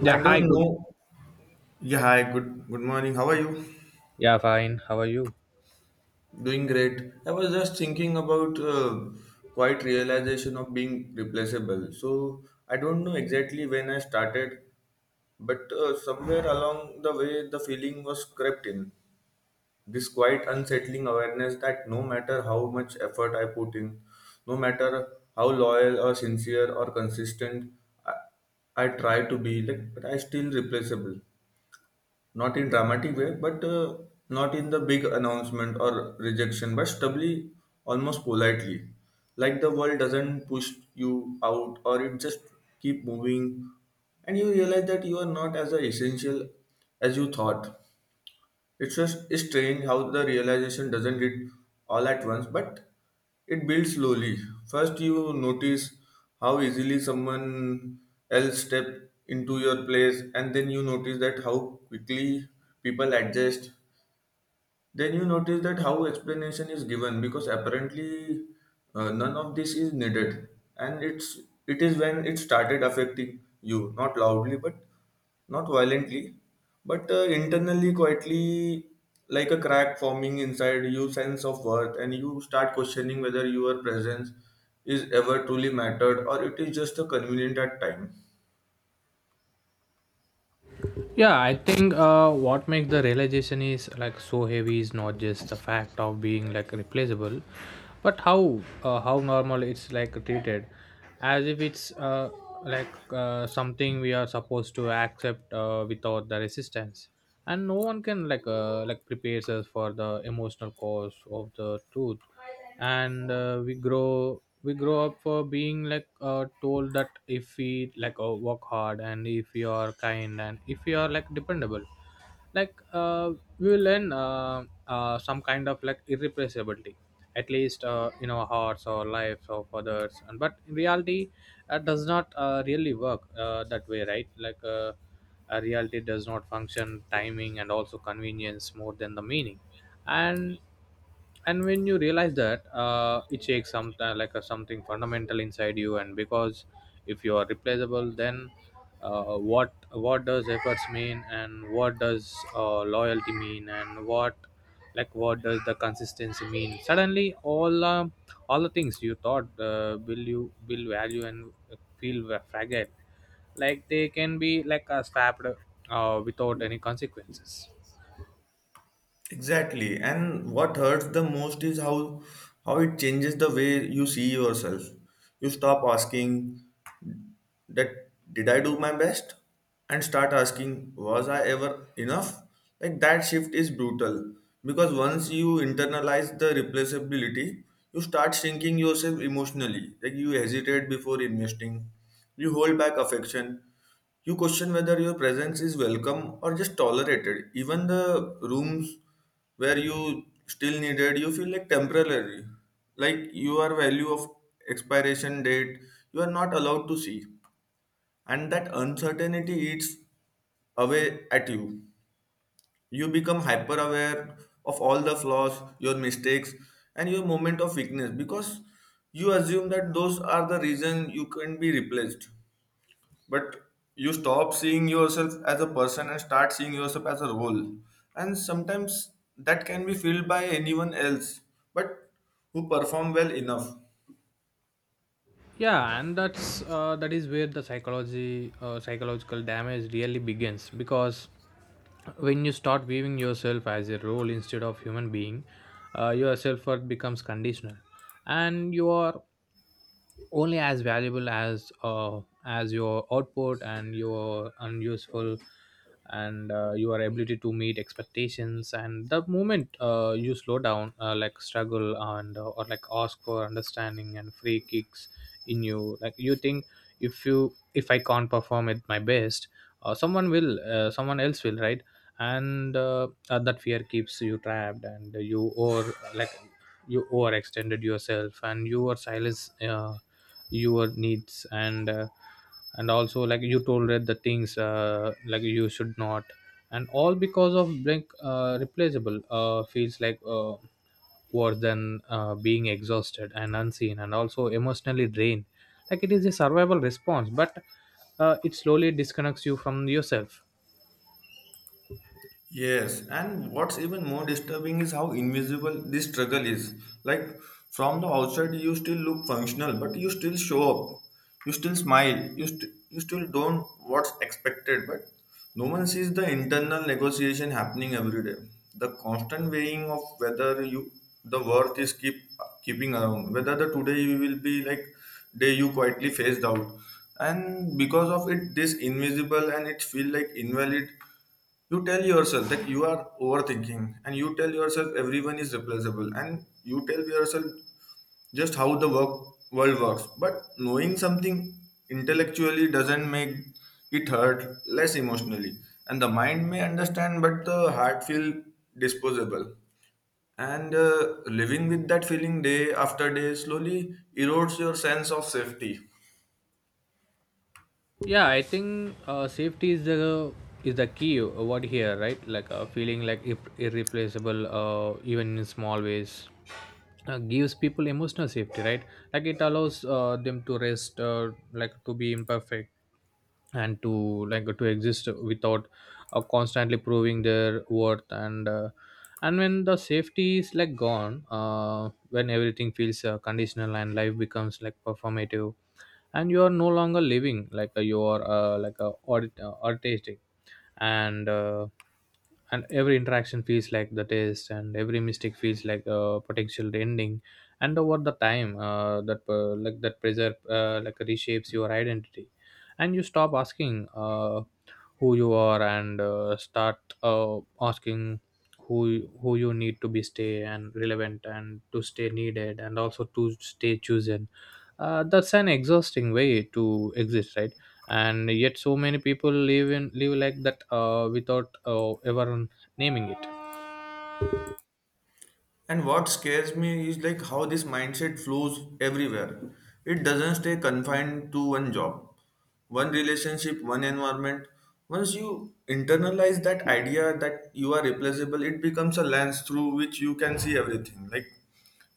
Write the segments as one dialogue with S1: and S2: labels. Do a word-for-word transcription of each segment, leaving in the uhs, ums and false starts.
S1: Yeah,
S2: I
S1: hi,
S2: don't
S1: good.
S2: know. Yeah, hi, good good morning. How are you?
S1: Yeah, fine. How are you?
S2: Doing great. I was just thinking about uh, quite realization of being replaceable. So I don't know exactly when I started, but uh, somewhere along the way the feeling was crept in. This quite unsettling awareness that no matter how much effort I put in, no matter how loyal or sincere or consistent I, I try to be, like, but I still replaceable. Not in dramatic way, but uh, not in the big announcement or rejection, but stably, almost politely. Like the world doesn't push you out or it just keep moving and you realize that you are not as essential as you thought. It's just it's strange how the realization doesn't hit all at once, but it builds slowly. First, you notice how easily someone else step into your place, and then you notice that how quickly people adjust, then you notice that how explanation is given because apparently uh, none of this is needed, and it's it is when it started affecting you, not loudly but not violently but uh, internally quietly, like a crack forming inside you sense of worth, and you start questioning whether your presence is ever truly mattered or it is just a convenient at time.
S1: Yeah, I think uh, what makes the realization is like so heavy is not just the fact of being like replaceable, but how uh, how normal it's like treated, as if it's uh, like uh, something we are supposed to accept uh, without the resistance, and no one can like uh, like prepares us for the emotional cause of the truth and uh, we grow we grow up for being like uh, told that if we like uh, work hard and if we are kind and if we are like dependable like uh, we will learn uh, uh, some kind of like irrepressibility, at least uh, in our hearts or lives of others and but in reality that does not uh, really work uh, that way, right? Like uh, a reality does not function timing and also convenience more than the meaning and and when you realize that uh, it shakes some like a, something fundamental inside you, and because if you are replaceable, then uh, what what does efforts mean, and what does uh, loyalty mean, and what, like, what does the consistency mean? Suddenly all um, all the things you thought uh, will you will value and feel were fragile, like they can be like a swapped uh, without any consequences.
S2: Exactly. And what hurts the most is how how it changes the way you see yourself. You stop asking that, did I do my best? And start asking, was I ever enough? Like that shift is brutal. Because once you internalize the replaceability, you start shrinking yourself emotionally. Like you hesitate before investing. You hold back affection, you question whether your presence is welcome or just tolerated. Even the rooms where you still needed, you feel like temporary. Like your value of expiration date, you are not allowed to see. And that uncertainty eats away at you. You become hyper aware of all the flaws, your mistakes, and your moment of weakness, because you assume that those are the reason you can be replaced. But you stop seeing yourself as a person and start seeing yourself as a role, and sometimes that can be filled by anyone else, but who perform well enough.
S1: Yeah, and that's uh, that is where the psychology uh, psychological damage really begins, because when you start viewing yourself as a role instead of human being, uh, your self-worth becomes conditional, and you are only as valuable as uh, as your output and your unuseful and uh, your ability to meet expectations. And the moment uh, you slow down, uh, like struggle and uh, or like ask for understanding, and free kicks in you, like you think if you, if I can't perform at my best, uh, someone will, uh, someone else will, right? And uh, uh, that fear keeps you trapped, and you, or like, you overextended yourself, and you your silence uh, your needs, and uh, and also like you tolerate the things uh, like you should not, and all because of like uh, replaceable uh, feels like uh, worse than uh, being exhausted and unseen and also emotionally drained, like it is a survival response, but uh, it slowly disconnects you from yourself.
S2: Yes, and what's even more disturbing is how invisible this struggle is. Like from the outside, you still look functional, but you still show up, you still smile, you, st- you still don't what's expected. But no one sees the internal negotiation happening every day. The constant weighing of whether you the worth is keep keeping around, whether the today you will be like day you quietly phased out, and because of it, this invisible and it feel like invalid. You tell yourself that you are overthinking, and you tell yourself everyone is replaceable, and you tell yourself just how the work world works. But knowing something intellectually doesn't make it hurt less emotionally, and the mind may understand but the heart feel disposable, and uh, living with that feeling day after day slowly erodes your sense of safety.
S1: Yeah, I think uh, safety is the, is the key word here, right? Like uh, feeling like ir- irreplaceable uh, even in small ways uh, gives people emotional safety, right? Like it allows uh, them to rest, uh, like to be imperfect and to, like, to exist without uh, constantly proving their worth. And uh, and when the safety is like gone, uh, when everything feels uh, conditional, and life becomes like performative, and you are no longer living like, uh, you are, uh, like a audit, uh, artistic, and uh, and every interaction feels like the test, and every mistake feels like a potential ending. And over the time, uh, that, uh, like that pressure, uh, like reshapes your identity, and you stop asking uh, who you are, and uh, start uh, asking who you- who you need to be stay and relevant, and to stay needed, and also to stay chosen. Uh, that's an exhausting way to exist, right? And yet so many people live in live like that uh, without uh, ever naming it.
S2: And what scares me is like how this mindset flows everywhere. It doesn't stay confined to one job, one relationship, one environment. Once you internalize that idea that you are replaceable, it becomes a lens through which you can see everything. Like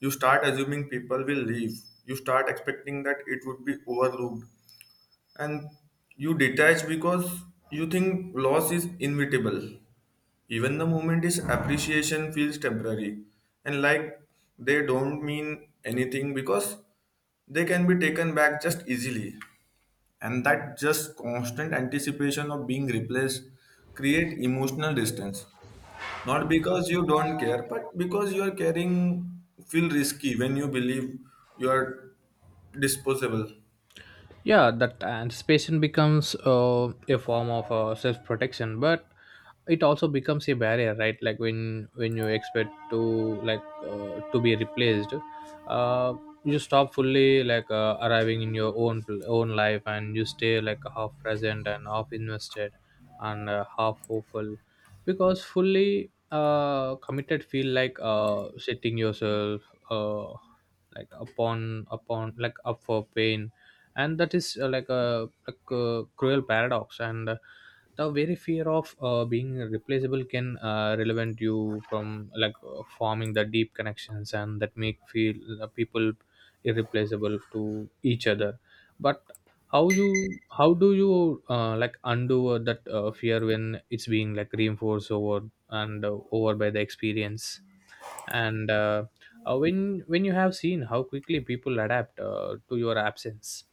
S2: you start assuming people will leave, you start expecting that it would be overlooked, and you detach because you think loss is inevitable. Even the moment is appreciation feels temporary, and like they don't mean anything because they can be taken back just easily. And that just constant anticipation of being replaced create emotional distance. Not because you don't care, but because you are caring feel risky when you believe you are disposable.
S1: Yeah, that anticipation becomes uh, a form of uh, self-protection, but it also becomes a barrier, right? Like when when you expect to, like uh, to be replaced, uh, you stop fully, like uh, arriving in your own own life, and you stay like half present and half invested and uh, half hopeful, because fully uh, committed feel like uh, setting yourself uh, like upon upon like up for pain. And that is uh, like a, like a cruel paradox. And uh, the very fear of uh, being replaceable can uh, relevant you from like uh, forming the deep connections, and that make feel uh, people irreplaceable to each other. But how you, how do you uh, like undo uh, that uh, fear when it's being like reinforced over and uh, over by the experience, and uh, uh, when when you have seen how quickly people adapt uh, to your absence.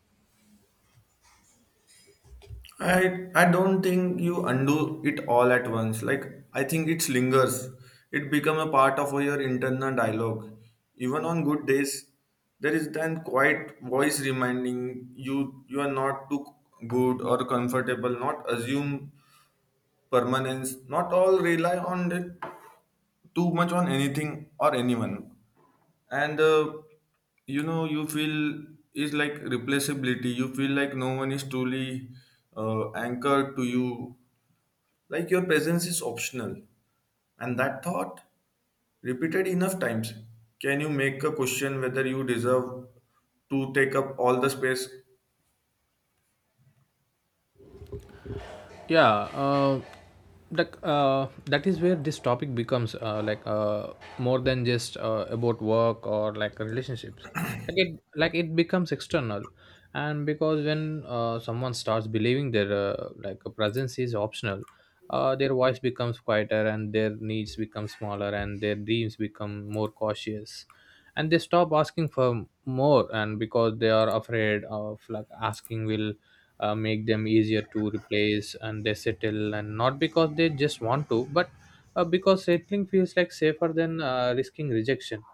S2: I I don't think you undo it all at once. Like I think it lingers. It become a part of your internal dialogue. Even on good days, there is then quiet voice reminding you you are not too good or comfortable. Not assume permanence. Not all rely on it too much on anything or anyone. And uh, you know you feel is like replaceability. You feel like no one is truly uh, anchored to you, like your presence is optional. And that thought, repeated enough times, can you make a question whether you deserve to take up all the space?
S1: Yeah. Uh, like uh, that is where this topic becomes, uh, like uh, more than just uh, about work or like relationships. Like it, like it becomes external. And because when uh, someone starts believing their, uh, like a presence is optional, uh, their voice becomes quieter, and their needs become smaller, and their dreams become more cautious, and they stop asking for more, and because they are afraid of like asking will uh, make them easier to replace, and they settle, and not because they just want to, but uh, because settling feels like safer than uh, risking rejection.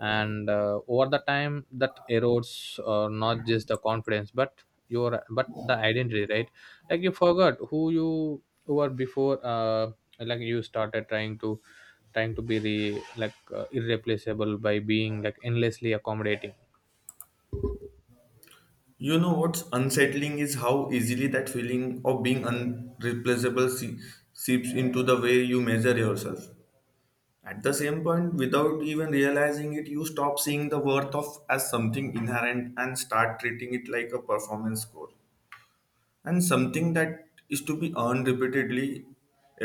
S1: And uh, over the time that erodes, uh, not just the confidence, but your, but the identity, right? Like you forgot who you, or before uh, like you started trying to, trying to be the like uh, irreplaceable by being like endlessly accommodating.
S2: You know what's unsettling is how easily that feeling of being unreplaceable se- seeps into the way you measure yourself. At the same point, without even realizing it, you stop seeing the worth of as something inherent and start treating it like a performance score, and something that is to be earned repeatedly.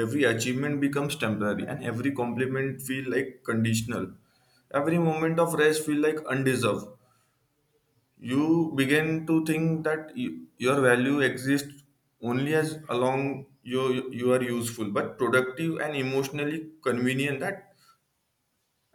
S2: Every achievement becomes temporary and every compliment feel like conditional, every moment of rest feel like undeserved. You begin to think that you, your value exists only as along you you are useful but productive and emotionally convenient, that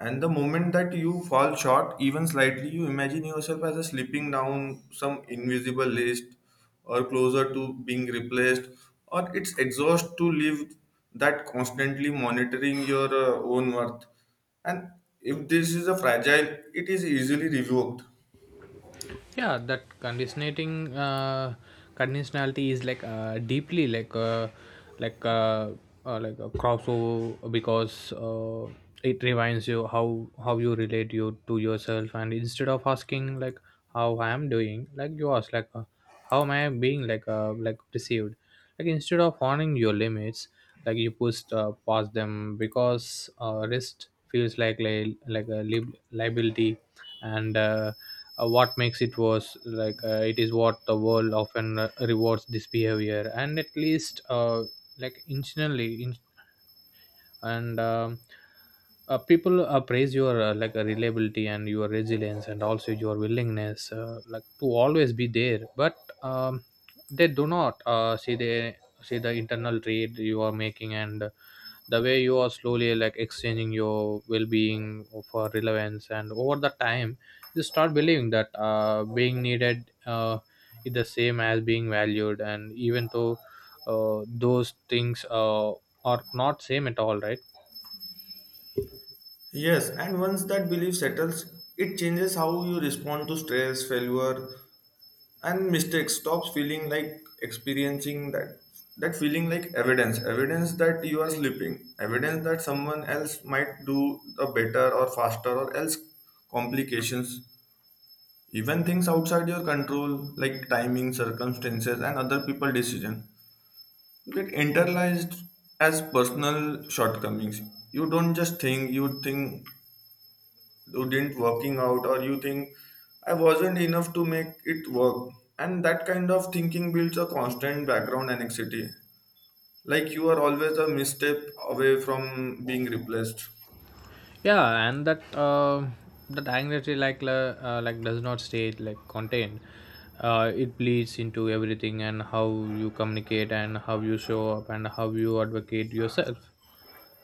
S2: and the moment that you fall short, even slightly, you imagine yourself as a slipping down some invisible list, or closer to being replaced, or it's exhaust to live that constantly monitoring your uh, own worth. And if this is a fragile, it is easily revoked.
S1: Yeah, that conditioning uh, conditionality is like uh, deeply like uh, like uh, uh, like a crossover, because uh, it reminds you how how you relate you to yourself. And instead of asking like how I am doing, like you ask like, uh, how am I being like uh, like perceived? Like instead of honoring your limits, like you pushed uh, past them because uh, rest feels like li- like a lib- liability. And uh, uh, what makes it worse, like uh, it is what the world often uh, rewards this behavior, and at least uh, like intentionally. And um, uh, people uh, praise your, uh, like uh, reliability and your resilience and also your willingness, uh, like to always be there. But um, they do not uh, see the, see the internal trade you are making, and the way you are slowly like exchanging your well-being for relevance. And over the time, you start believing that uh, being needed uh, is the same as being valued, and even though uh, those things uh, or not same at all, right?
S2: Yes, and once that belief settles, it changes how you respond to stress, failure, and mistakes stops feeling like experiencing that, that feeling like evidence evidence that you are slipping, evidence that someone else might do a better or faster or else complications. Even things outside your control, like timing, circumstances, and other people decision get internalized as personal shortcomings. You don't just think, you think you didn't working out, or you think I wasn't enough to make it work. And that kind of thinking builds a constant background anxiety, like you are always a misstep away from being replaced.
S1: Yeah. And that uh, that anxiety like la- uh, like does not stay like contained. Uh, it bleeds into everything, and how you communicate, and how you show up, and how you advocate yourself.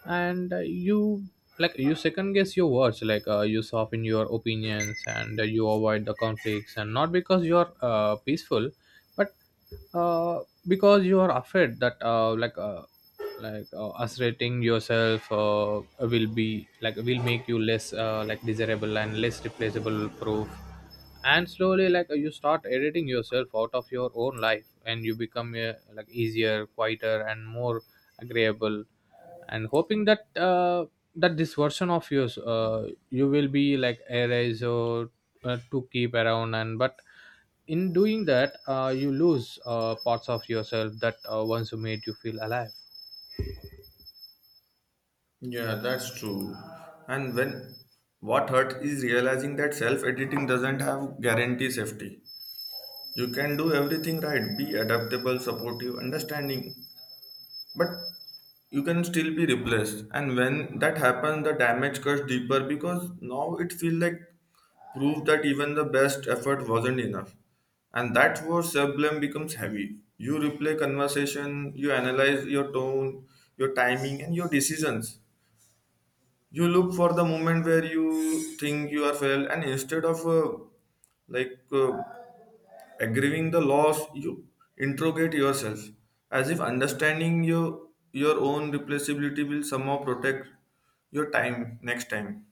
S1: And uh, you, like you second guess your words, like uh, you soften your opinions, and uh, you avoid the conflicts, and not because you're uh, peaceful, but uh, because you are afraid that uh, like uh, like uh, asserting yourself uh, will be like will make you less uh, like desirable and less replaceable proof. And slowly, like you start editing yourself out of your own life, and you become uh, like easier, quieter, and more agreeable, and hoping that uh, that this version of yours uh, you will be like erase or uh, to keep around. And but in doing that uh, you lose uh, parts of yourself that uh, once made you feel alive.
S2: Yeah, that's true. And when what hurt is realizing that self-editing doesn't have guarantee safety. You can do everything right, be adaptable, supportive, understanding, but you can still be replaced, and when that happens the damage cuts deeper because now it feels like proof that even the best effort wasn't enough. And that's where self-blame becomes heavy. You replay conversation, you analyze your tone, your timing, and your decisions. You look for the moment where you think you are failed, and instead of uh, like uh, aggrieving the loss, you interrogate yourself, as if understanding your your own replaceability will somehow protect your time next time.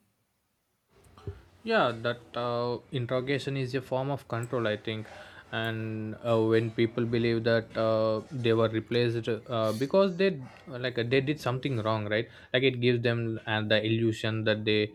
S1: Yeah, that uh, interrogation is a form of control, I think. And uh, when people believe that uh, they were replaced uh, because they, like they did something wrong, right? Like it gives them and the illusion that they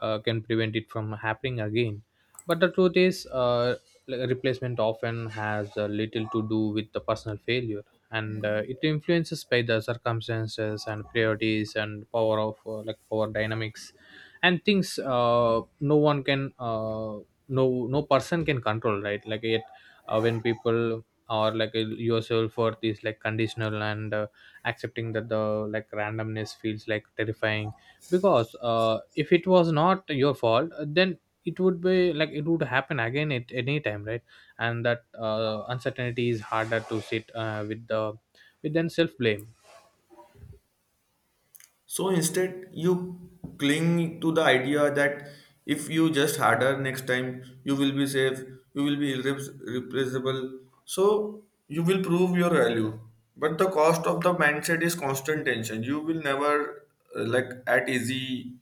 S1: uh, can prevent it from happening again. But the truth is, uh, like, replacement often has uh, little to do with the personal failure. And uh, it influences by the circumstances and priorities and power of, uh, like power dynamics, and things uh, no one can uh, no, no person can control, right? Like yet uh, when people or like uh, yourself worth is like conditional, and uh, accepting that the, like randomness feels like terrifying, because uh, if it was not your fault, then it would be like it would happen again at any time, right? And that uh, uncertainty is harder to sit uh, with the, with then self blame.
S2: So instead, you cling to the idea that if you just harder next time, you will be safe, you will be irre- replaceable. So you will prove your value. But the cost of the mindset is constant tension. You will never uh, like at easy,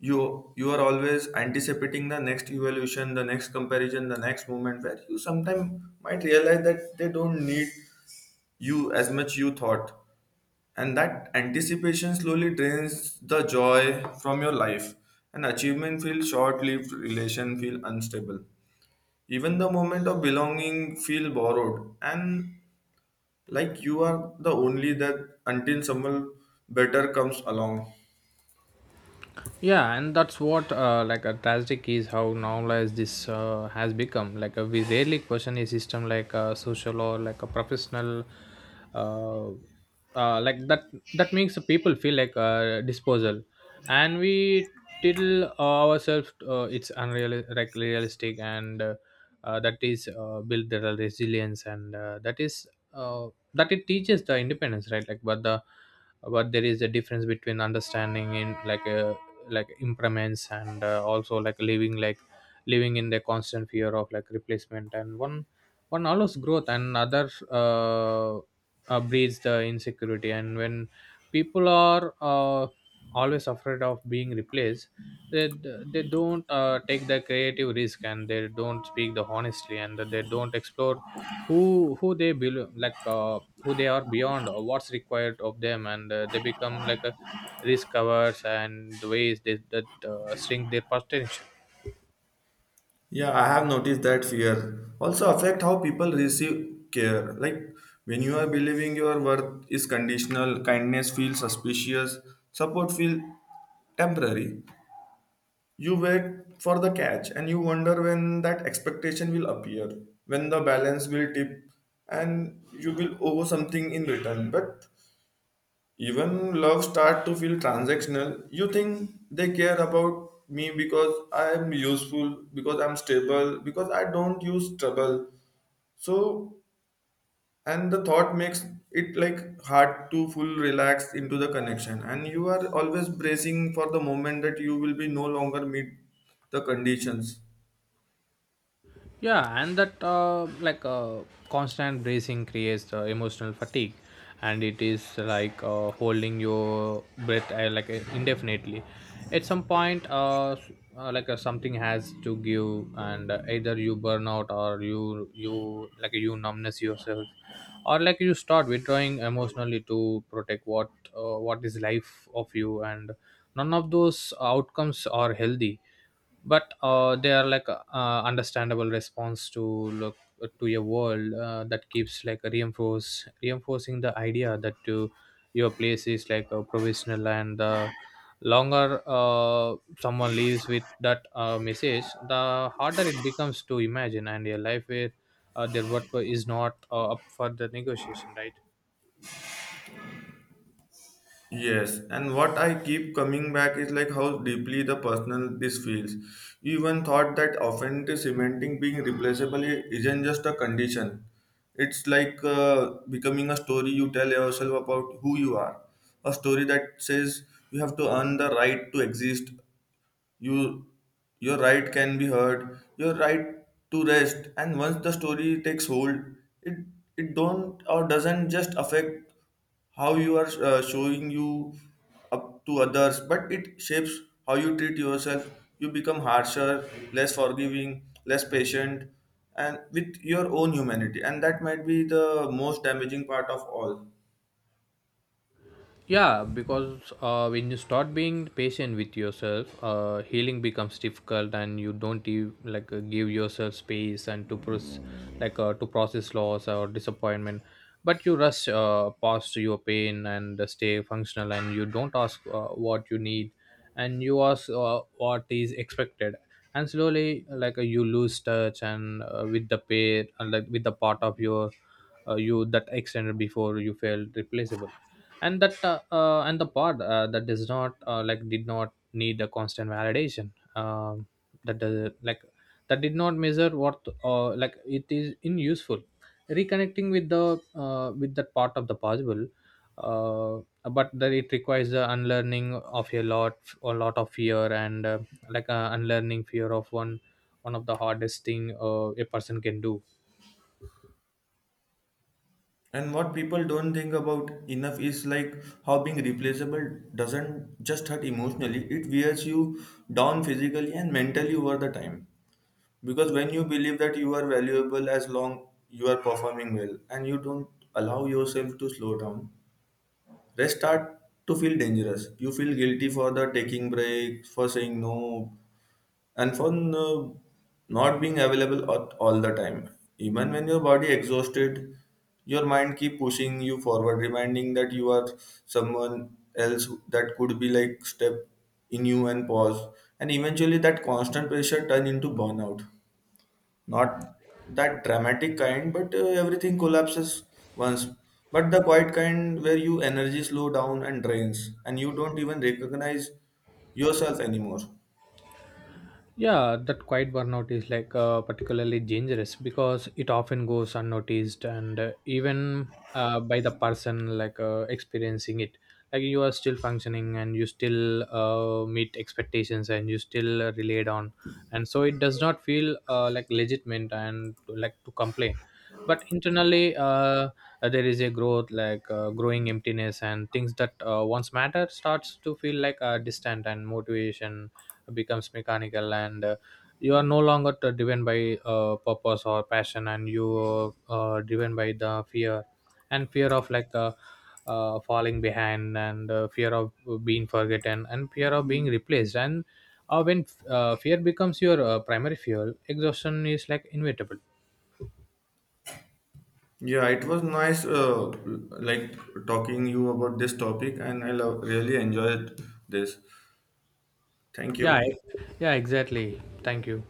S2: you you are always anticipating the next evolution, the next comparison, the next moment where you sometimes might realize that they don't need you as much you thought. And that anticipation slowly drains the joy from your life, and achievement feels short-lived, relation feel unstable, even the moment of belonging feel borrowed, and like you are the only that, until someone better comes along.
S1: Yeah, and that's what, uh, like a tragic is how normalized this uh, has become. Like uh, we rarely question a system like a social or like a professional, uh, uh, like that, that makes the people feel like a disposal. And we tell ourselves uh, it's unreal like realistic, and uh, uh, that is uh, build their resilience, and uh, that is uh, that it teaches the independence, right? Like but the, but there is a difference between understanding in like uh, like impermanence and uh, also like living like living in the constant fear of like replacement. And one, one allows growth, and other uh, uh, breeds the insecurity. And when people are uh, always afraid of being replaced, they they don't uh, take the creative risk, and they don't speak the honestly, and they don't explore who who they belo- like uh, who they are beyond or what's required of them. And uh, they become like a risk covers and ways they, that uh, shrink their potential.
S2: Yeah, I have noticed that fear also affect how people receive care. Like when you are believing your worth is conditional, kindness feels suspicious, support feel temporary. You wait for the catch, and you wonder when that expectation will appear, when the balance will tip and you will owe something in return. But even love start to feel transactional. You think they care about me because I am useful, because I'm stable, because I don't use trouble. So and the thought makes it like hard to full relax into the connection. And you are always bracing for the moment that you will be no longer meet the conditions.
S1: Yeah, and that uh, like uh, constant bracing creates uh, emotional fatigue, and it is like uh, holding your breath, uh, like uh, indefinitely. At some point uh, s- uh, like uh, something has to give, and uh, either you burn out, or you you like you numbness yourself, or like you start withdrawing emotionally to protect what uh, what is life of you. And none of those outcomes are healthy, but uh, they are like uh, understandable response to look to your world uh, that keeps like reinforce reinforcing the idea that you, your place is like a provisional. And the longer uh, someone lives with that uh, message, the harder it becomes to imagine and your life with uh, their worth is not uh, up for the negotiation, right?
S2: Yes, and what I keep coming back is like how deeply the personal this feels. You even thought that often the cementing being replaceable i- isn't just a condition. It's like uh, becoming a story you tell yourself about who you are. A story that says you have to earn the right to exist, you your right can be heard, your right to rest, and once the story takes hold, it it don't or doesn't just affect how you are uh, showing you up to others, but it shapes how you treat yourself. You become harsher, less forgiving, less patient, and with your own humanity, and that might be the most damaging part of all.
S1: Yeah, because uh, when you start being patient with yourself, uh, healing becomes difficult, and you don't give, like uh, give yourself space and to process like uh, to process loss or disappointment. But you rush uh, past your pain and stay functional, and you don't ask uh, what you need, and you ask uh, what is expected. And slowly, like uh, you lose touch and uh, with the pain, and like with the part of your uh, you that extended before you felt replaceable. And that uh, uh, and the part uh, that does not uh, like did not need a constant validation. um, that does, like that did not measure what uh, like it is in useful. Reconnecting with the, uh, with that part of the possible, uh, but that it requires the unlearning of a lot a lot of fear, and uh, like uh, unlearning fear of one, one of the hardest thing uh, a person can do.
S2: And what people don't think about enough is like how being replaceable doesn't just hurt emotionally, it wears you down physically and mentally over the time. Because when you believe that you are valuable as long you are performing well and you don't allow yourself to slow down, rest start to feel dangerous. You feel guilty for the taking breaks, for saying no, and for uh, not being available at all the time, even when your body exhausted, your mind keep pushing you forward, reminding that you are someone else that could be like step in you and pause. And eventually that constant pressure turn into burnout, not that dramatic kind but uh, everything collapses once, but the quiet kind where you energy slow down and drains and you don't even recognize yourself anymore.
S1: Yeah, that quiet burnout is like uh, particularly dangerous, because it often goes unnoticed, and uh, even uh, by the person like uh, experiencing it. Like you are still functioning, and you still uh, meet expectations, and you still uh, relied on, and so it does not feel uh, like legitimate and like to complain. But internally, uh, uh, there is a growth like uh, growing emptiness, and things that uh, once matter starts to feel like uh, distant, and motivation becomes mechanical. And uh, you are no longer t- driven by uh, purpose or passion, and you are uh, driven by the fear, and fear of like uh, uh, falling behind, and uh, fear of being forgotten, and fear of being replaced. And uh, when uh, fear becomes your uh, primary fuel, exhaustion is like inevitable.
S2: Yeah, it was nice, uh, like talking you about this topic, and I love really enjoyed this. Thank
S1: yeah
S2: you.
S1: I- yeah, exactly, thank you.